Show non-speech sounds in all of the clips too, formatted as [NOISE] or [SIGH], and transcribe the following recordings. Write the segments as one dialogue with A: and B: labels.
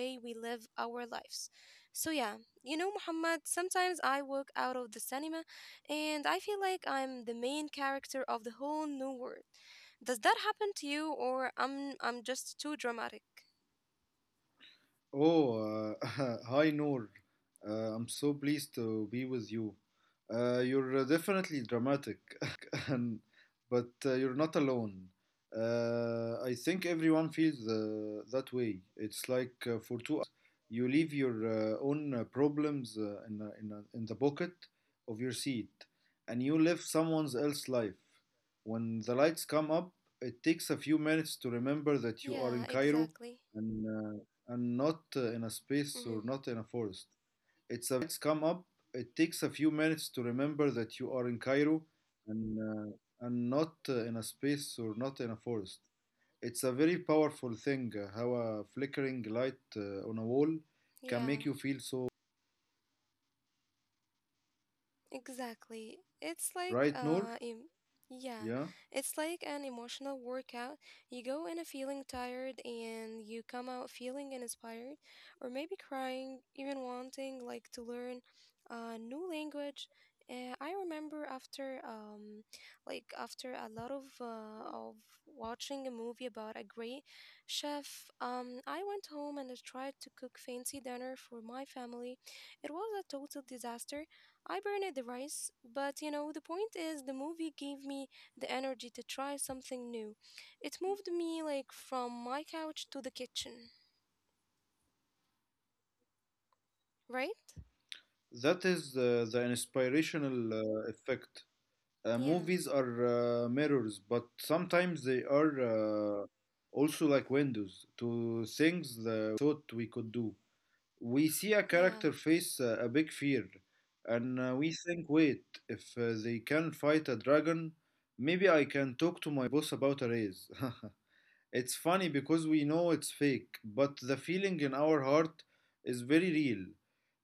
A: way we live our lives. So yeah, you know Muhammad, sometimes I walk out of the cinema and I feel like I'm the main character of the whole new world. Does that happen to you, or I'm just too dramatic?
B: Oh, uh, [LAUGHS] hi Noor. I'm so pleased to be with you. You're definitely dramatic, [LAUGHS] and, but you're not alone. I think everyone feels that way. It's like for 2 hours, you leave your own problems in the pocket of your seat, and you live someone else's life. When the lights come up, it takes a few minutes to remember that you are
A: Yeah,
B: in Cairo
A: exactly. Mm-hmm.
B: and not in a space or not in a forest. It's a very powerful thing how a flickering light on a wall can make
A: Yeah.
B: you feel so much.
A: Exactly. It's like,
B: Right, Noor?
A: yeah,
B: Yeah.
A: it's like an emotional workout. You go in a feeling tired and you come out feeling inspired or maybe crying, even wanting like to learn a new language. I remember after like after a lot of watching a movie about a great chef, I went home and I tried to cook fancy dinner for my family. It was a total disaster. I burned the rice, but you know, the point is the movie gave me the energy to try something new. It moved me like from my couch to the kitchen, right?
B: That is the inspirational effect.
A: Yeah,
B: Movies are mirrors, but sometimes they are also like windows to things that we never thought we could do. We see a character
A: yeah.
B: face a big fear, and we think, wait, if they can fight a dragon, maybe I can talk to my boss about a raise. [LAUGHS] It's funny because we know it's fake, but the feeling in our heart is very real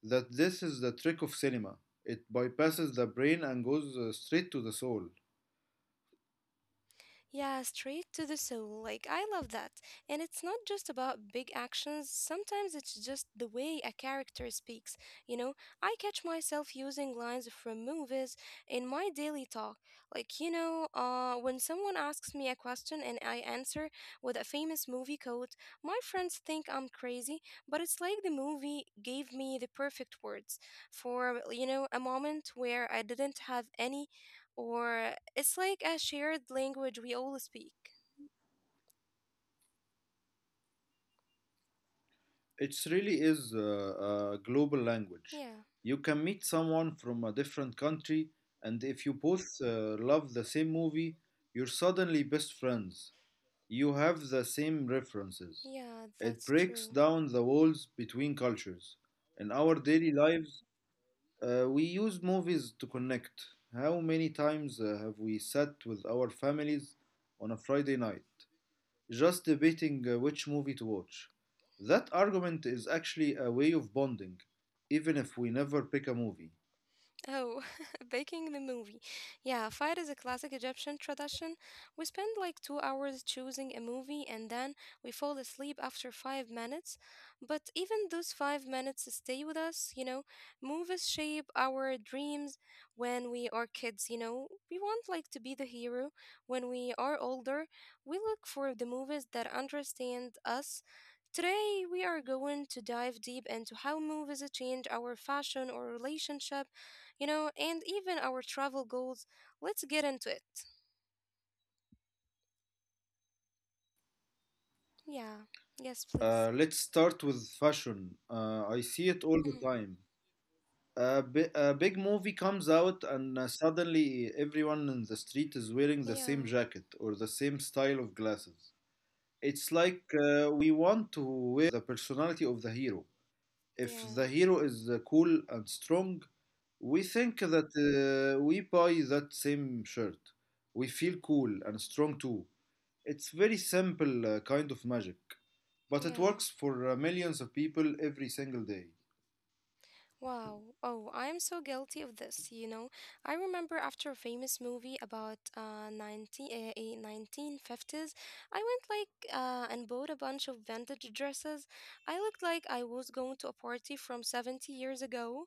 B: that this is the trick of cinema. It bypasses the brain and goes straight to the soul.
A: Yeah, straight to the soul. Like, I love that. And it's not just about big actions, sometimes it's just the way a character speaks. You know, I catch myself using lines from movies in my daily talk. Like, when someone asks me a question and I answer with a famous movie quote, my friends think I'm crazy, but it's like the movie gave me the perfect words for, a moment where I didn't have any or it's like a shared language we all speak.
B: It really is a global language.
A: Yeah,
B: You can meet someone from a different country, and if you both love the same movie, you're suddenly best friends. You have the same references.
A: yeah,
B: It
A: that's
B: breaks
A: true.
B: down the walls between cultures. In our daily lives, we use movies to connect. How many times have we sat with our families on a Friday night just debating which movie to watch. That argument is actually a way of bonding, even if we never pick a movie.
A: Oh, [LAUGHS] baking the movie. Yeah, fire is a classic Egyptian tradition. We spend like 2 hours choosing a movie and then we fall asleep after 5 minutes. But even those 5 minutes stay with us. Movies shape our dreams when we are kids. We want like to be the hero. When we are older, we look for the movies that understand us. Today, we are going to dive deep into how movies change our fashion or relationship, and even our travel goals. Let's get into it. Yeah. Yes, please.
B: Let's start with fashion. I see it all the
A: Mhm.
B: time. A big movie comes out, and suddenly everyone in the street is wearing the
A: Yeah.
B: same jacket or the same style of glasses. It's like we want to wear the personality of the hero. If
A: Yeah.
B: the hero is cool and strong, we think that we buy that same shirt. We feel cool and strong too. It's very simple kind of magic, but it
A: Yeah.
B: works for millions of people every single day.
A: Wow. Oh, I am so guilty of this. I remember after a famous movie about 1950s, I went like and bought a bunch of vintage dresses. I looked like I was going to a party from 70 years ago.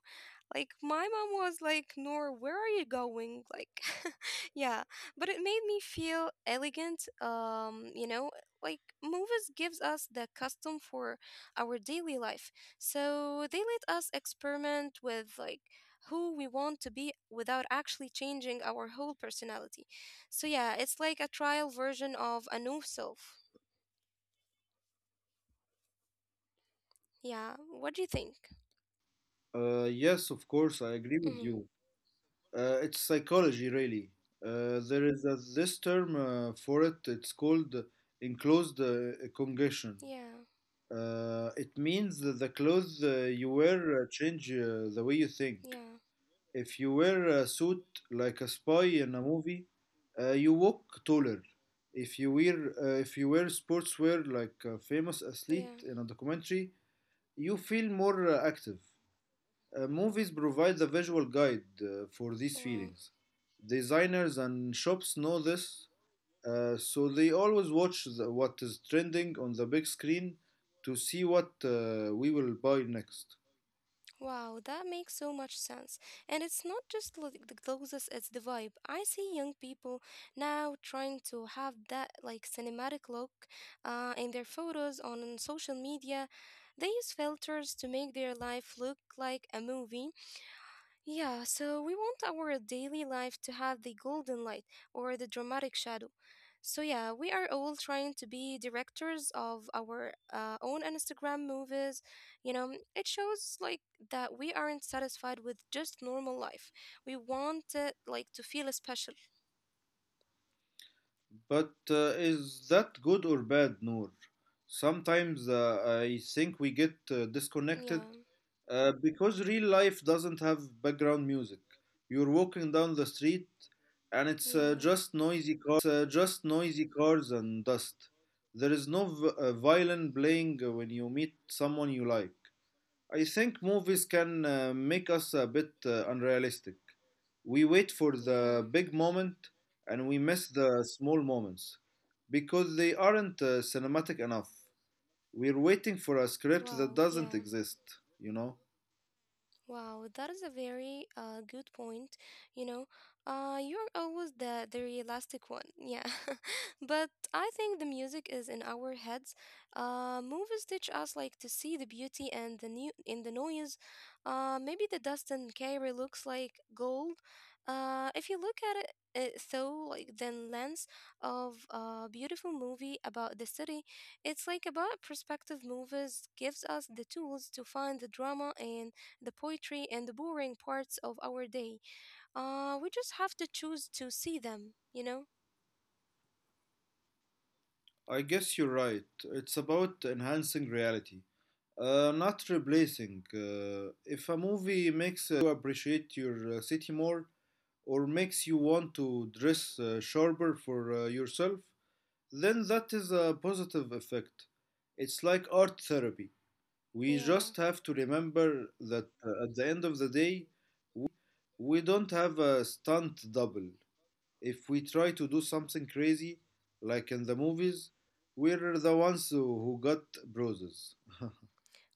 A: Like my mom was like, "Nor, where are you going?" Like [LAUGHS] yeah, but it made me feel elegant. Like movies gives us the custom for our daily life so they let us experiment with like who we want to be without actually changing our whole personality. So yeah, it's like a trial version of a new self. Yeah, what do you think?
B: Yes, of course, I agree with
A: Hmm.
B: you. It's psychology, really. This term for it. It's called enclosed congestion.
A: Yeah,
B: It means that the clothes you wear change the way you think.
A: yeah,
B: If you wear a suit like a spy in a movie, you walk taller. If you wear sportswear like a famous athlete
A: yeah.
B: in a documentary, you feel more active. Movies provide the visual guide for these
A: Wow.
B: feelings. Designers and shops know this, so they always watch what is trending on the big screen to see what we will buy next.
A: Wow, that makes so much sense. And it's not just the clothes, it's the vibe. I see young people now trying to have that like cinematic look in their photos on social media. They use filters to make their life look like a movie, yeah, so we want our daily life to have the golden light or the dramatic shadow. So, yeah, we are all trying to be directors of our own Instagram movies. You know, it shows like that we aren't satisfied with just normal life. We want it like to feel special.
B: But is that good or bad, Noor? Sometimes I think we get disconnected
A: Yeah,
B: because real life doesn't have background music. You're walking down the street and it's
A: yeah,
B: just noisy cars and dust. There is no violin playing when you meet someone you like. I think movies can make us a bit unrealistic. We wait for the
A: yeah.
B: big moment and we miss the small moments because they aren't cinematic enough. We're waiting for a script that
A: Wow,
B: doesn't
A: yeah.
B: exist, you know?
A: Wow, that is a very good point. You know, you're always the realistic one, yeah. [LAUGHS] But I think the music is in our heads. Movies teach us like to see the beauty and the new in the noise. Maybe the dust in Cairo looks like gold. If you look at it through like the lens of a beautiful movie about the city, it's like about perspective. Movies gives us the tools to find the drama and the poetry, and the boring parts of our day. We just have to choose to see them, you know?
B: I guess you're right. It's about enhancing reality, not replacing. If a movie makes you appreciate your city more or makes you want to dress sharper for yourself, then that is a positive effect. It's like art therapy. We
A: Yeah.
B: just have to remember that at the end of the day, we don't have a stunt double. If we try to do something crazy, like in the movies, we're the ones who got bruises.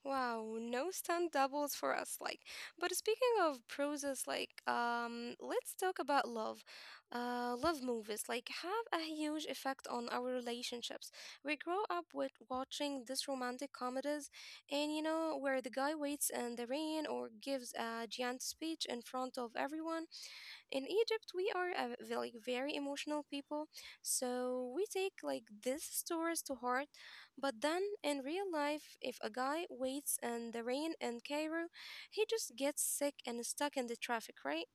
A: Wow, no stunt doubles for us. Like, but speaking of process, like, let's talk about love. Love movies like have a huge effect on our relationships. We grow up with watching these romantic comedies, and you know where the guy waits in the rain or gives a giant speech in front of everyone. In Egypt, we are like very emotional people, so we take like these stories to heart but then in real life, if a guy waits in the rain in Cairo, he just gets sick and is stuck in the traffic, right?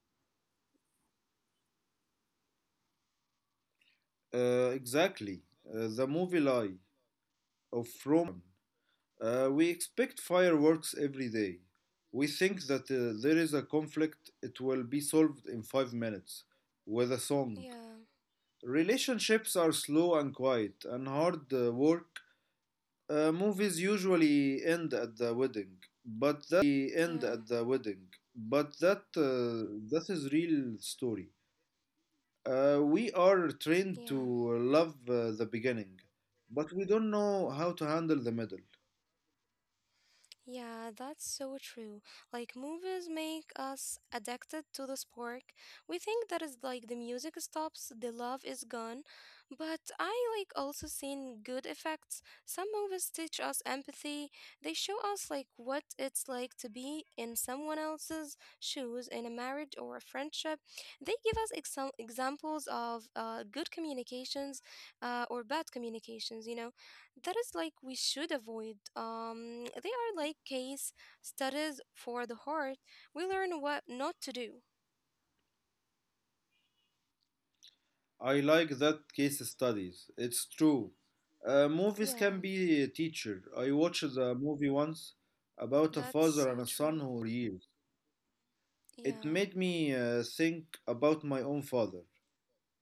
B: Exactly. The movie lie of romance is probably the most dangerous one. We expect fireworks every day. We think that there is a conflict, it will be solved in 5 minutes with a song.
A: Yeah,
B: Relationships are slow and quiet and hard work. Movies usually end at the
A: yeah,
B: wedding, but that that is real story. We are trained to
A: yeah.
B: love the beginning, but we don't know how to handle the middle.
A: Yeah, that's so true. Like movies make us addicted to the spark. We think that is like the music stops, the love is gone. But I like also seen good effects. Some movies teach us empathy. They show us like what it's like to be in someone else's shoes in a marriage or a friendship. They give us examples of good communications or bad communications, you know that is like we should avoid. They are like case studies for the heart. We learn what not to do.
B: I like that case studies. It's true. Movies can
A: Yeah,
B: be a teacher. I watched a movie once about a
A: that's
B: father
A: so
B: and a son
A: true.
B: who didn't talk for years. It
A: Yeah,
B: made me think about my own father.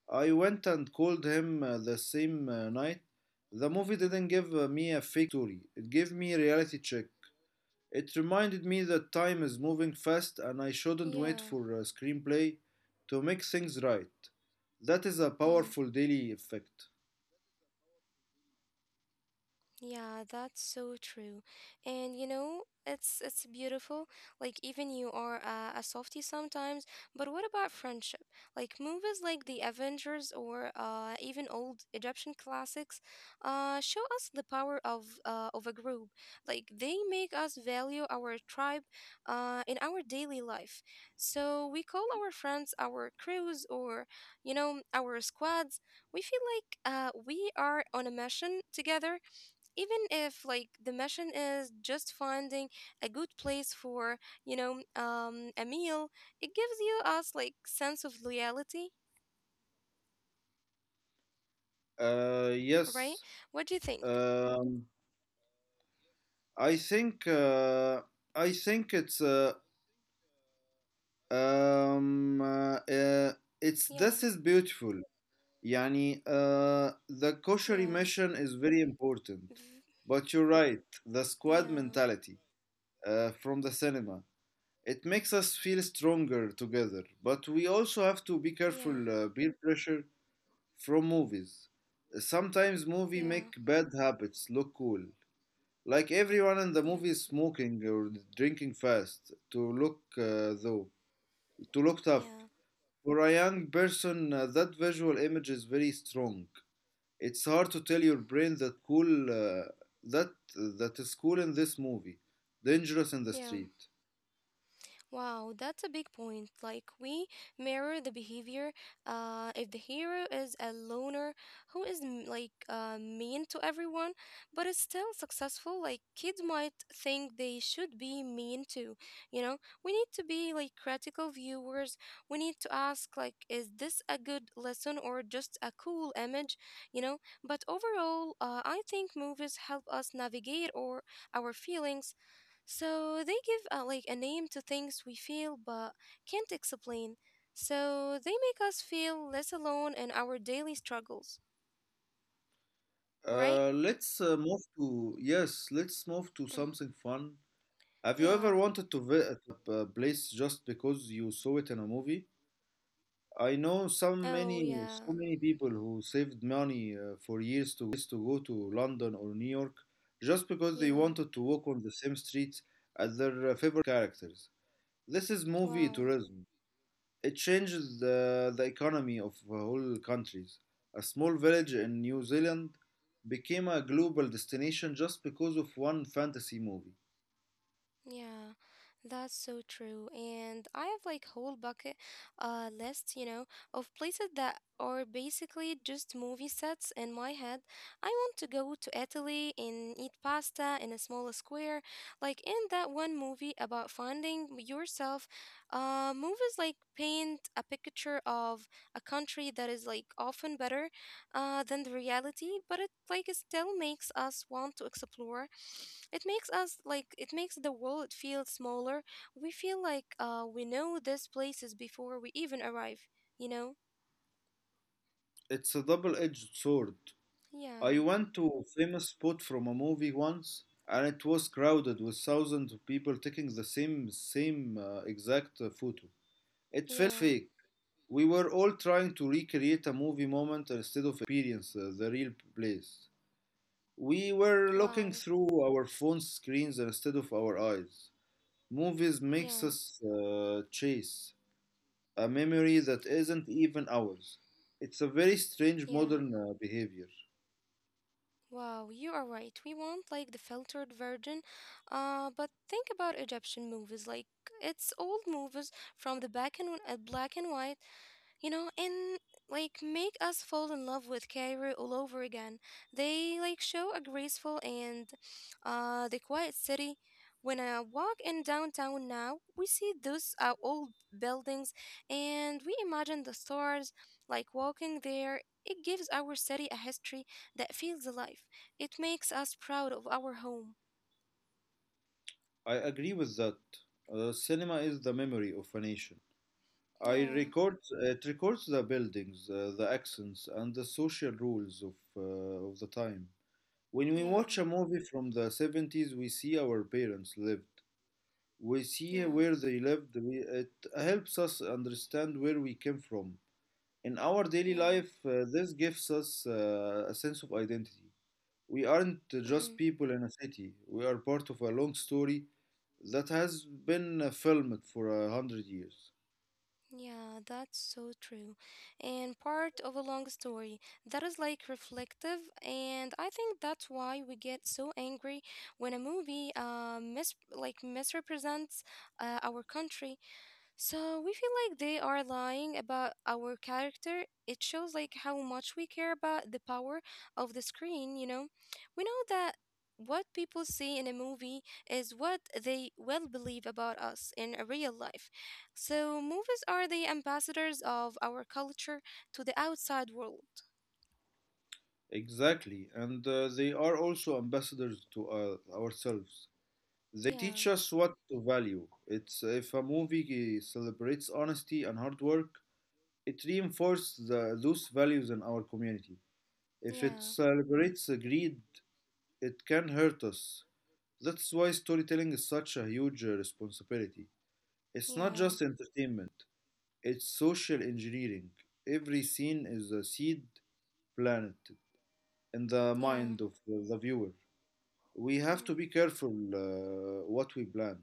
B: I went and called him the same night. The movie didn't give me a fake story. It gave me a reality check. It reminded me that time is moving fast and I shouldn't wait
A: yeah.
B: for a screenplay to make things right. That is a
A: Mhm.
B: powerful daily effect.
A: Yeah, that's so true. And you know, it's beautiful. Like even you are a softie sometimes, but what about friendship? Like movies like The Avengers or even old Egyptian classics show us the power of a group. Like they make us value our tribe in our daily life. So we call our friends our crews or, you know, our squads. We feel like we are on a mission together even if like the mission is just finding a good place for a meal. It gives you us like sense of loyalty, right?
B: Yes,
A: What do you think?
B: um, I think I think it's uh, um, uh, uh, it's
A: Yeah,
B: this is beautiful. Yani, the kosher
A: yeah,
B: mission is very important,
A: v-
B: but you're right. The squad
A: yeah,
B: mentality from the cinema. It makes us feel stronger together, but we also have to be careful
A: yeah,
B: peer pressure from movies. Sometimes movie
A: yeah,
B: make bad habits look cool. Like everyone in the
A: yeah,
B: movie is smoking or drinking fast to look though to look tough.
A: yeah,
B: For a young person, that visual image is very strong. It's hard to tell your brain that that that is cool in this movie, dangerous in the
A: yeah.
B: street.
A: Wow, that's a big point. Like, we mirror the behavior. If the hero is a loner who is like mean to everyone, but is still successful, like, kids might think they should be mean too. You know, we need to be like critical viewers. We need to ask, like, is this a good lesson or just a cool image? You know, but overall, I think movies help us navigate or our feelings so they give like a name to things we feel but can't explain. So they make us feel less alone in our daily struggles, right?
B: Let's move to Yes, let's move to
A: Mm.
B: something fun. Have you
A: Yeah.
B: ever wanted to, vi- to visit a place just because you saw it in a movie? I know some
A: Oh,
B: many so
A: yeah.
B: many people who saved money for years to go to London or New York just because they
A: Yeah.
B: wanted to walk on the same streets as their favorite characters. This is movie
A: Wow.
B: tourism. It changes the economy of whole countries. A small village in New Zealand became a global destination just because of one fantasy movie.
A: Yeah, that's so true. And I have like whole bucket list, you know, of places that are basically just movie sets in my head. I want to go to Italy and eat pasta in a small square, like in that one movie about finding yourself. Movies like paint a picture of a country that is like often better than the reality but it like it still makes us want to explore. It makes us like it makes the world feel smaller. We feel like we know these places before we even arrive you know
B: It's a double edged sword. I
A: yeah,
B: went to a famous spot from a movie once, and it was crowded with thousands of people taking the same exact photo. It felt
A: yeah.
B: fake. We were all trying to recreate a movie moment instead of experience the real place. We were looking
A: Wow,
B: through our phone screens instead of our eyes. Movies makes
A: yeah,
B: us chase a memory that isn't even ours. It's a very strange
A: yeah.
B: modern behavior.
A: Wow, you are right. We want like the filtered version. But think about Egyptian movies like it's old movies from the back and black and white, and like make us fall in love with Cairo all over again. They like show a graceful and the quiet city. When I walk in downtown now, we see those old buildings and we imagine the stars like walking there. It gives our city a history that feels alive. It makes us proud of our home.
B: I agree with that. Cinema is the memory of a nation. I
A: Yeah,
B: record, it records the buildings, the accents, and the social rules of the time. When we watch
A: yeah,
B: a movie from the 70s, we see our parents live. We see
A: yeah,
B: where they lived. It helps us understand where we came from. In our daily
A: yeah.
B: life, this gives us a sense of identity. We aren't
A: Mm-hmm.
B: just people in a city, we are part of a long story that has been filmed for 100 years.
A: Yeah, that's so true. And part of a long story that is like reflective. And I think that's why we get so angry when a movie like misrepresents our country. So we feel like they are lying about our character. It shows like how much we care about the power of the screen. We know that what people see in a movie is what they will believe about us in a real life. So movies are the ambassadors of our culture to the outside world.
B: Exactly, and they are also ambassadors to ourselves. They
A: Yeah,
B: teach us what to value. It's if a movie celebrates honesty and hard work, it reinforces those values in our community. If it
A: yeah,
B: celebrates the greed, it can hurt us. That's why storytelling is such a huge responsibility. It's not
A: yeah,
B: just entertainment, it's social engineering. Every scene is a seed planted in the
A: yeah.
B: mind of the viewer. We have to
A: Mhm.
B: be careful what we plant.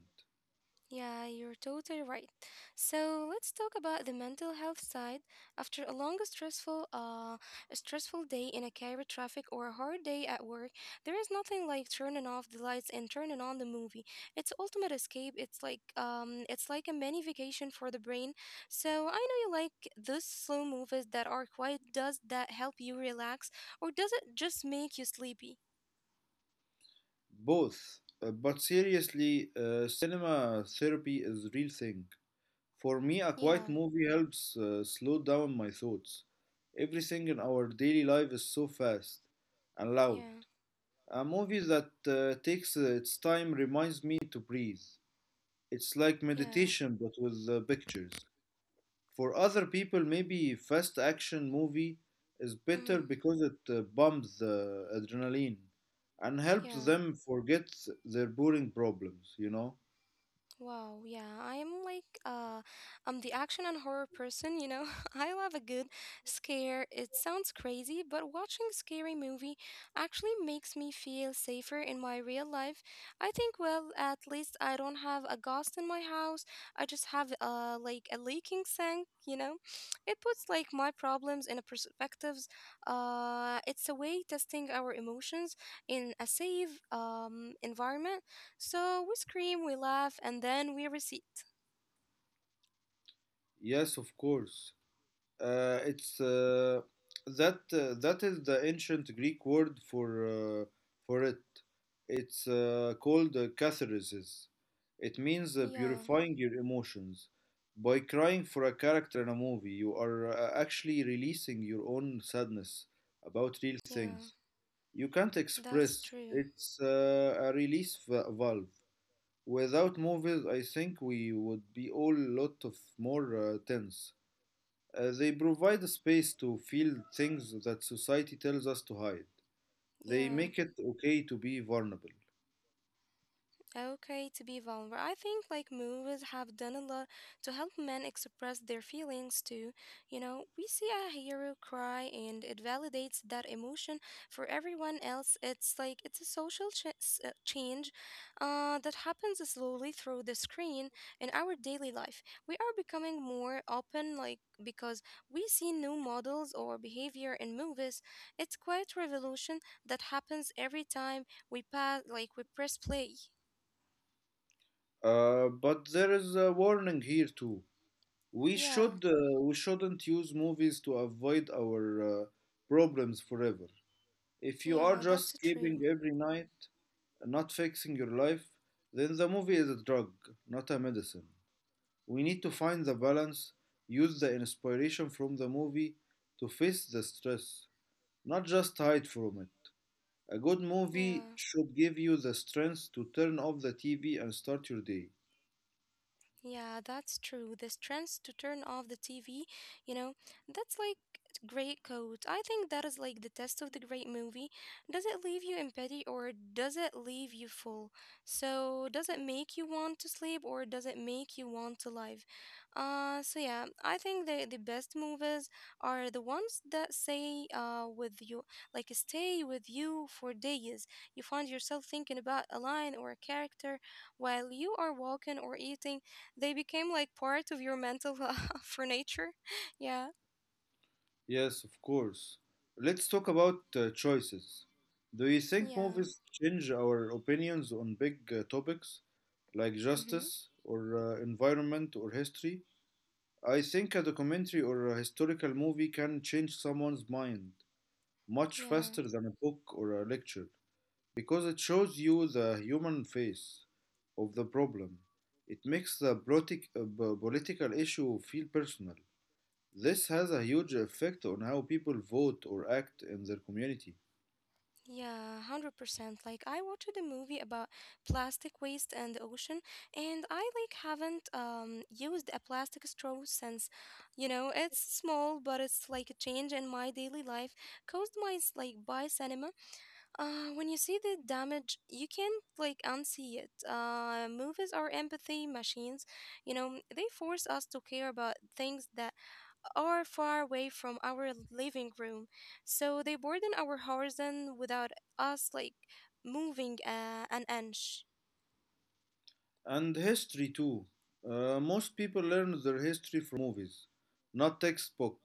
A: Yeah, you're totally right. So let's talk about the mental health side. After a long, stressful day in a car, traffic, or a hard day at work, there is nothing like turning off the lights and turning on the movie. It's ultimate escape. It's like a mini vacation for the brain. So I know you like those slow movies that are quiet. Does that help you relax, or does it just make you sleepy?
B: Both. But seriously, cinema therapy is a real thing. For me, a quiet
A: Yeah,
B: movie helps slow down my thoughts. Everything in our daily life is so fast and loud.
A: yeah,
B: A movie that takes its time reminds me to breathe. It's like
A: yeah,
B: meditation but with pictures. For other people, maybe fast action movie is
A: mm-hmm,
B: better because it bumps the adrenaline and helps
A: yeah.
B: them forget their boring problems, you know?
A: Wow, yeah, I'm like, I'm the action and horror person, [LAUGHS] I love a good scare. It sounds crazy, but watching scary movie actually makes me feel safer in my real life. I think, well, at least I don't have a ghost in my house. I just have like a leaking sink, It puts like my problems in a perspectives. It's a way testing our emotions in a safe environment. So we scream, we laugh, and then we receipt.
B: Yes, of course. It's that is the ancient Greek word for it. It's called catharsis. It means
A: Yeah,
B: purifying your emotions. By crying for a character in a movie, you are actually releasing your own sadness about real
A: yeah,
B: things. You can't
A: that's
B: express.
A: true.
B: It's a release valve. Without movies, I think we would be all lot of more tense. They provide a space to feel things that society tells us to hide. They
A: Yeah.
B: make it okay to be vulnerable.
A: Okay, to be vulnerable. I think like movies have done a lot to help men express their feelings too. You know, we see a hero cry and it validates that emotion for everyone else. It's like it's a social change that happens slowly through the screen in our daily life. We are becoming more open, like because we see new models or behavior in movies. It's quite revolution that happens every time we pass, like we press play.
B: But there is a warning here too.
A: Yeah,
B: We shouldn't use movies to avoid our uh, problems forever. If you are
A: yeah,
B: just
A: that's
B: escaping
A: true.
B: every night, not fixing your life, then the movie is a drug, not a medicine. We need to find the balance, use the inspiration from the movie to face the stress, not just hide from it. A good movie
A: Yeah,
B: should give you the strength to turn off the TV and start your day.
A: yeah, that's true. The strength to turn off the TV, you know, that's like great code. I think that is like the test of the great movie. Does it leave you empty or does it leave you full? So, does it make you want to sleep or does it make you want to live? So yeah, I think the best movies are the ones that say with you like stay with you for days. You find yourself thinking about a line or a character while you are walking or eating they became like part of your mental [LAUGHS] furniture. Yeah.
B: Yes, of course. Let's talk about choices. Do you think
A: Yeah.
B: movies change our opinions on big topics like
A: Mm-hmm.
B: justice or environment or history? I think a documentary or a historical movie can change someone's mind much
A: Yeah.
B: faster than a book or a lecture, because it shows you the human face of the problem. It makes the political issue feel personal. This has a huge effect on how people vote or act in their community.
A: Yeah, 100%. Like I watched a movie about plastic waste and the ocean and I like haven't used a plastic straw since, you know, it's small but it's like a change in my daily life caused my by cinema. When you see the damage, you can't like unsee it. Movies are empathy machines. You know, they force us to care about things that are far away from our living room, so they burden our horizon without us like moving an inch.
B: And history, too. Most people learn their history from movies, not textbook.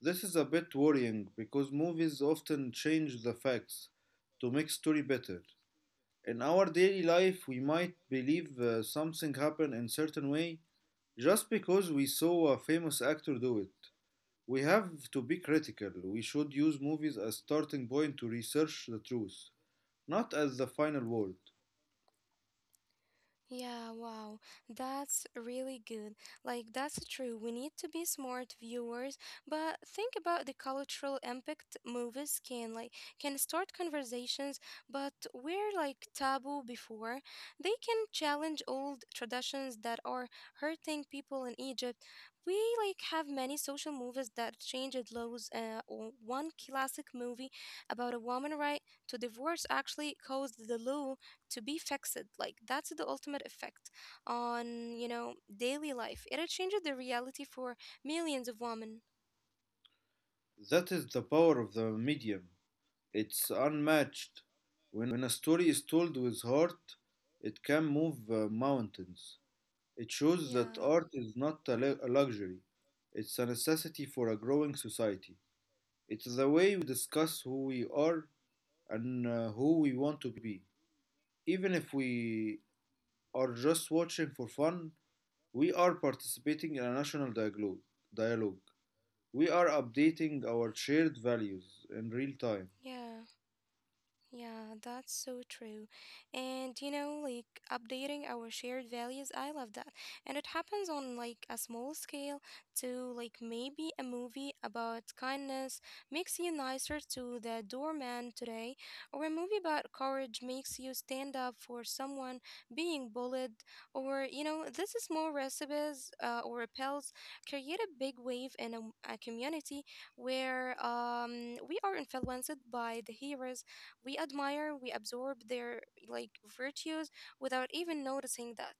B: This is a bit worrying because movies often change the facts to make story better. In our daily life, we might believe something happened in certain way just because we saw a famous actor do it. We have to be critical. We should use movies as starting point to research the truth, not as the final word.
A: Yeah, wow. That's really good. Like, that's true. We need to be smart viewers, but think about the cultural impact movies can start conversations, but were like taboo before. They can challenge old traditions that are hurting people in Egypt. We like have many social movies that changed laws. One classic movie about a woman right to divorce actually caused the law to be fixed like that's the ultimate effect on you know daily life it had changed the reality for millions of women
B: That is the power of the medium. It's unmatched. When a story is told with heart, it can move mountains. It shows that
A: yeah
B: art is not a, a luxury, it's a necessity for a growing society. It's the way we discuss who we are and who we want to be. Even if we are just watching for fun, we are participating in a national dialogue. We are updating our shared values in real time.
A: yeah yeah, that's so true. And you know, like updating our shared values, I love that. And it happens on like a small scale to like maybe a movie about kindness makes you nicer to the doorman today, or a movie about courage makes you stand up for someone being bullied, or you know, this is more recipes or repels create a big wave in a community where we are influenced by the heroes we admire, we absorb their like virtues without even noticing that.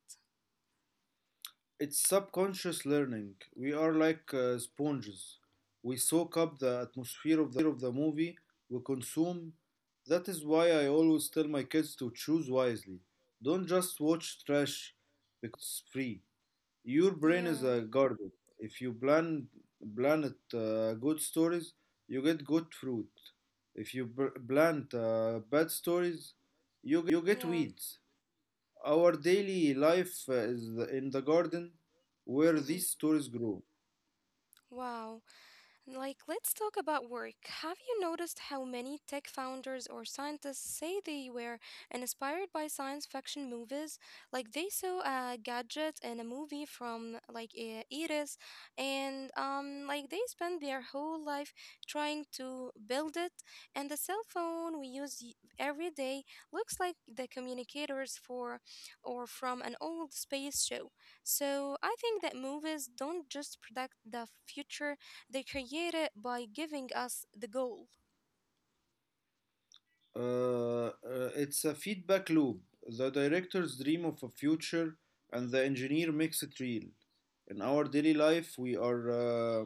B: It's subconscious learning. We are like sponges. We soak up the atmosphere of the movie we consume. That is why I always tell my kids to choose wisely. Don't just watch trash because it's free. Your brain is
A: Yeah,
B: a garden. If you plant good stories, you get good fruit. If you plant bad stories, you get
A: yeah.
B: weeds. Our daily life is in the garden where
A: Hmm.
B: these stories grow.
A: Wow. Like, let's talk about work. Have you noticed how many tech founders or scientists say they were inspired by science fiction movies? Like, they saw a gadget in a movie from Iris, and like they spent their whole life trying to build it. And the cell phone we use every day looks like the communicators for or from an old space show. So I think that movies don't just predict the future they create it by giving us the goal.
B: Uh, uh, it's a feedback loop. The directors dream of a future, and the engineer makes it real. In our daily life, we are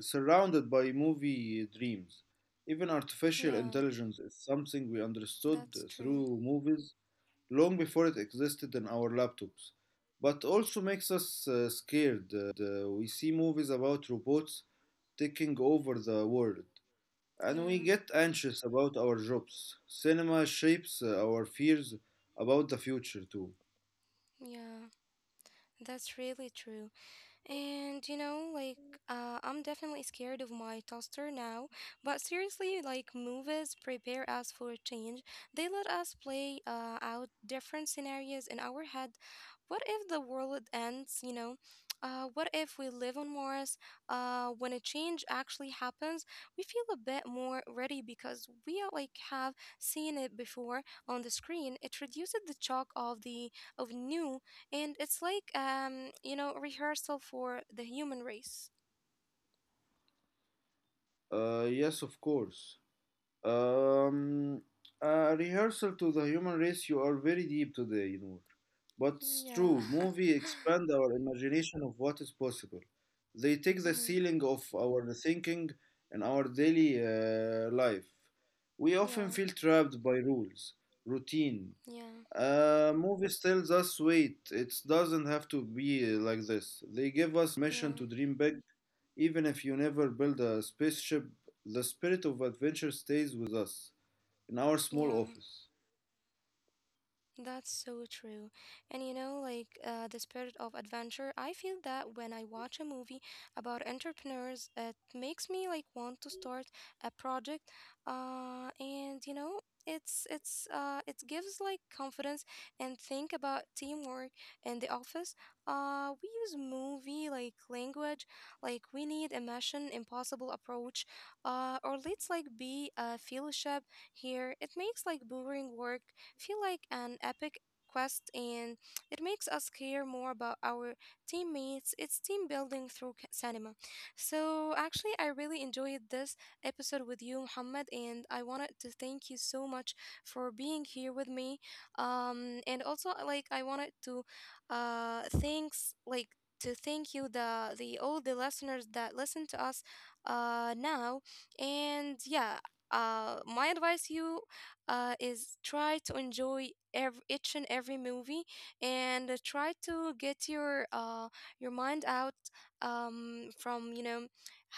B: surrounded by movie dreams. Even artificial
A: Yeah,
B: intelligence is something we understood
A: that's true.
B: through movies long before it existed in our laptops, but also makes us scared. We see movies about robots taking over the world and we
A: Yeah,
B: get anxious about our jobs. Cinema shapes our fears about the future, too.
A: yeah, that's really true. And you know, like I'm definitely scared of my toaster now. But seriously, like movies prepare us for a change. They let us play out different scenarios in our head. What if the world ends? You know, what if we live on Mars? When a change actually happens, we feel a bit more ready because we are, like have seen it before on the screen. It reduces the shock of the of new and it's like you know, rehearsal for the human race.
B: Yes, of course. Um, a rehearsal to the human race, you are very deep today, Noor. But it's
A: Yeah.
B: true, movie
A: [LAUGHS]
B: expand our imagination of what is possible. They take the
A: Hmm.
B: ceiling of our thinking and our daily life. We often
A: Yeah.
B: feel trapped by rules, routine.
A: Yeah.
B: Movies tells us wait, it doesn't have to be like this. They give us permission to
A: Yeah.
B: dream big, even if you never build a spaceship. The spirit of adventure stays with us in our
A: Yeah.
B: small
A: Yeah.
B: office.
A: That's so true. And you know, like the spirit of adventure, I feel that when I watch a movie about entrepreneurs, it makes me like want to start a project. And you know, it's it gives like confidence and think about teamwork in the office. We use movie like language, like we need a mission impossible approach. Or let's like be a fellowship here. It makes like boring work feel like an epic quest and it makes us care more about our teammates. It's team building through cinema. So, actually, I really enjoyed this episode with you, Muhammad, and I wanted to thank you so much for being here with me. And also, like, I wanted to uh, thanks, like, thank you the all the listeners that listen to us now and yeah my advice you is try to enjoy every, each and every movie and try to get your mind out from you know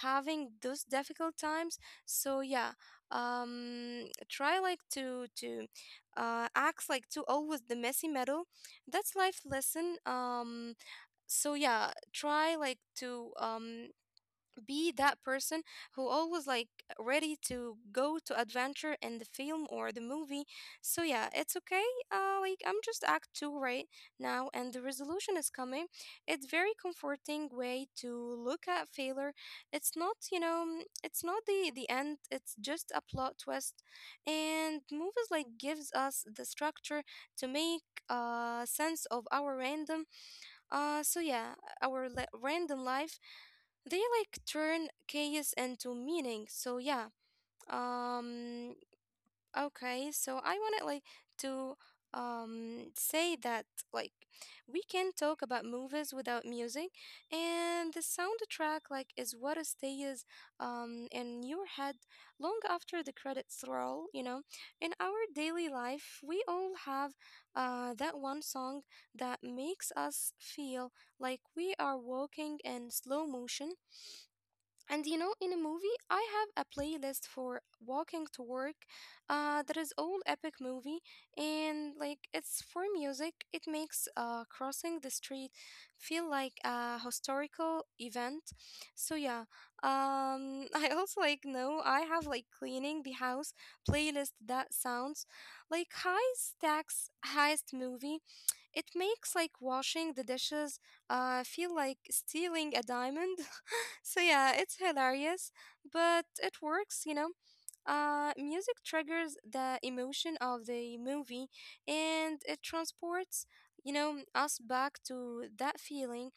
A: having those difficult times so yeah um try like to act like to always the messy metal that's life lesson so yeah try like to be that person who always like ready to go to adventure in the film or the movie. So yeah, it's okay. Like I'm just act two right now, and the resolution is coming. It's very comforting way to look at failure. It's not you know it's not the end. It's just a plot twist, and movies like gives us the structure to make sense of our random. So yeah, our random life they like turn chaos into meaning. So yeah. Um okay, so I wanted like to say that like we can talk about movies without music and the soundtrack like is what stays in your head long after the credits roll, you know. In our daily life, we all have that one song that makes us feel like we are walking in slow motion and you know, in a movie, I have a playlist for walking to work. That is old epic movie, and like it's for music. It makes crossing the street feel like a historical event. So yeah, [LAUGHS] I also like know I have like cleaning the house playlist that sounds like high stacks heist movie. It makes like washing the dishes feel like stealing a diamond. [LAUGHS] So yeah, it's hilarious, but it works, you know. Music triggers the emotion of the movie and it transports, you know, us back to that feeling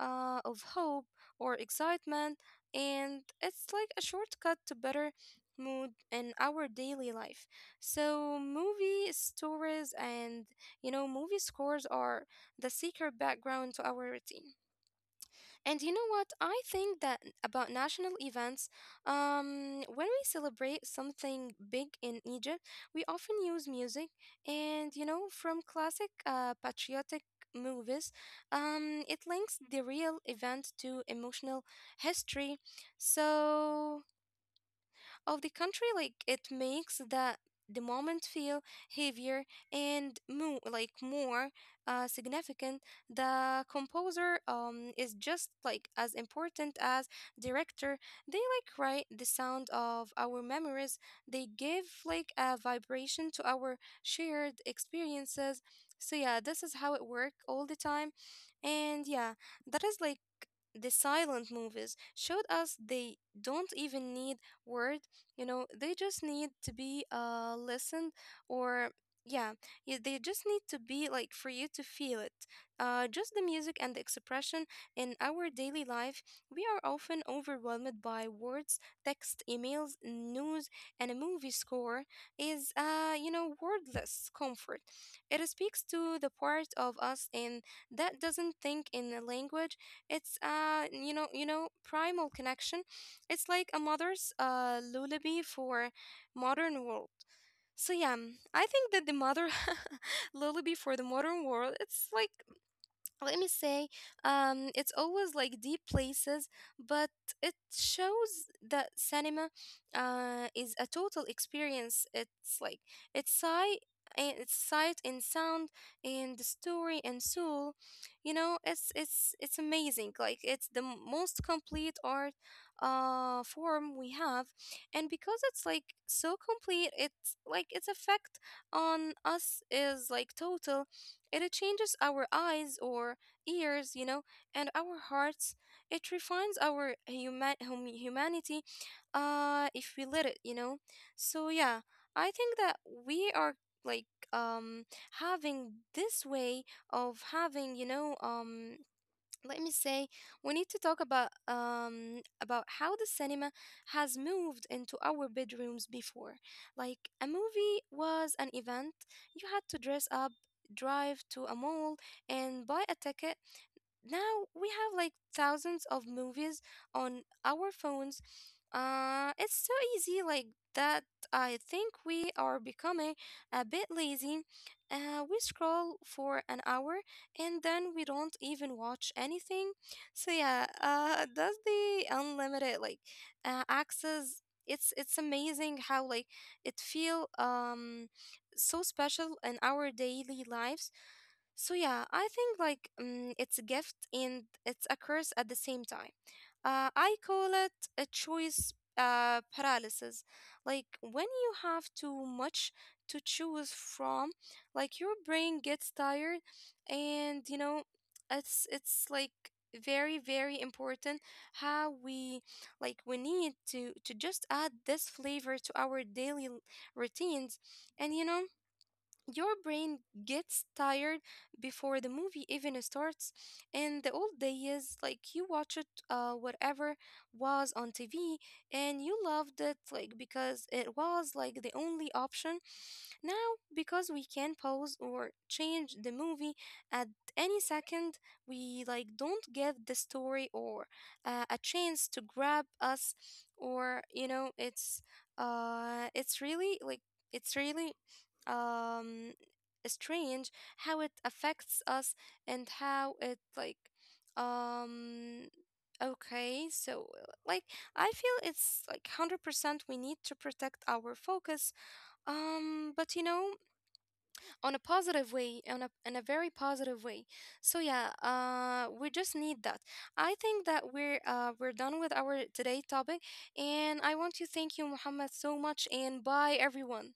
A: of hope or excitement, and it's like a shortcut to better mood in our daily life. So movie stories and, you know, movie scores are the secret background to our routine. And you know what? I think that about national events, when we celebrate something big in Egypt, we often use music and, you know, from classic patriotic movies, it links the real event to emotional history. So of the country like it makes the moment feel heavier and more significant the composer is just like as important as director they like write the sound of our memories they give like a vibration to our shared experiences so yeah this is how it work all the time and yeah that is like the silent movies showed us they don't even need words you know, they just need to be listened or yeah, they just need to be like for you to feel it. Just the music and the expression in our daily life, we are often overwhelmed by words, text, emails, news, and a movie score is you know, wordless comfort. It speaks to the part of us in that doesn't think in a language. It's you know, primal connection it's like a mother's lullaby for modern world. So yeah, I think that the mother [LAUGHS] lullaby for the modern world, it's like let me say it's always like deep places but it shows that cinema is a total experience it's like it's sight it's sight and sound and the story and soul you know it's amazing like it's the most complete art form we have and because it's like so complete it's like its effect on us is like total and it changes our eyes or ears, you know, and our hearts. It refines our humanity if we let it, you know. So yeah, I think that we are like um having this way of having, you know, let me say we need to talk about how the cinema has moved into our bedrooms before like a movie was an event you had to dress up drive to a mall and buy a ticket now we have like thousands of movies on our phones it's so easy like that I think we are becoming a bit lazy we scroll for an hour and then we don't even watch anything. So yeah, does the unlimited like access. It's amazing how like it feel so special in our daily lives so yeah, I think like it's a gift and it's a curse at the same time. I call it a choice paralysis. Like when you have too much to choose from, like your brain gets tired, and you know, it's like very important how we like we need to just add this flavor to our daily routines and you know your brain gets tired before the movie even starts. In the old days, like you watch it, whatever was on TV, and you loved it, like because it was like the only option. Now, because we can pause or change the movie at any second, we like don't get the story or a chance to grab us, or you know, it's really like it's really um strange how it affects us and how it like um okay so like I feel it's like 100% we need to protect our focus but you know on a positive way on a in a very positive way so yeah we just need that I think that we're done with our today topic and I want to thank you muhammad so much and bye everyone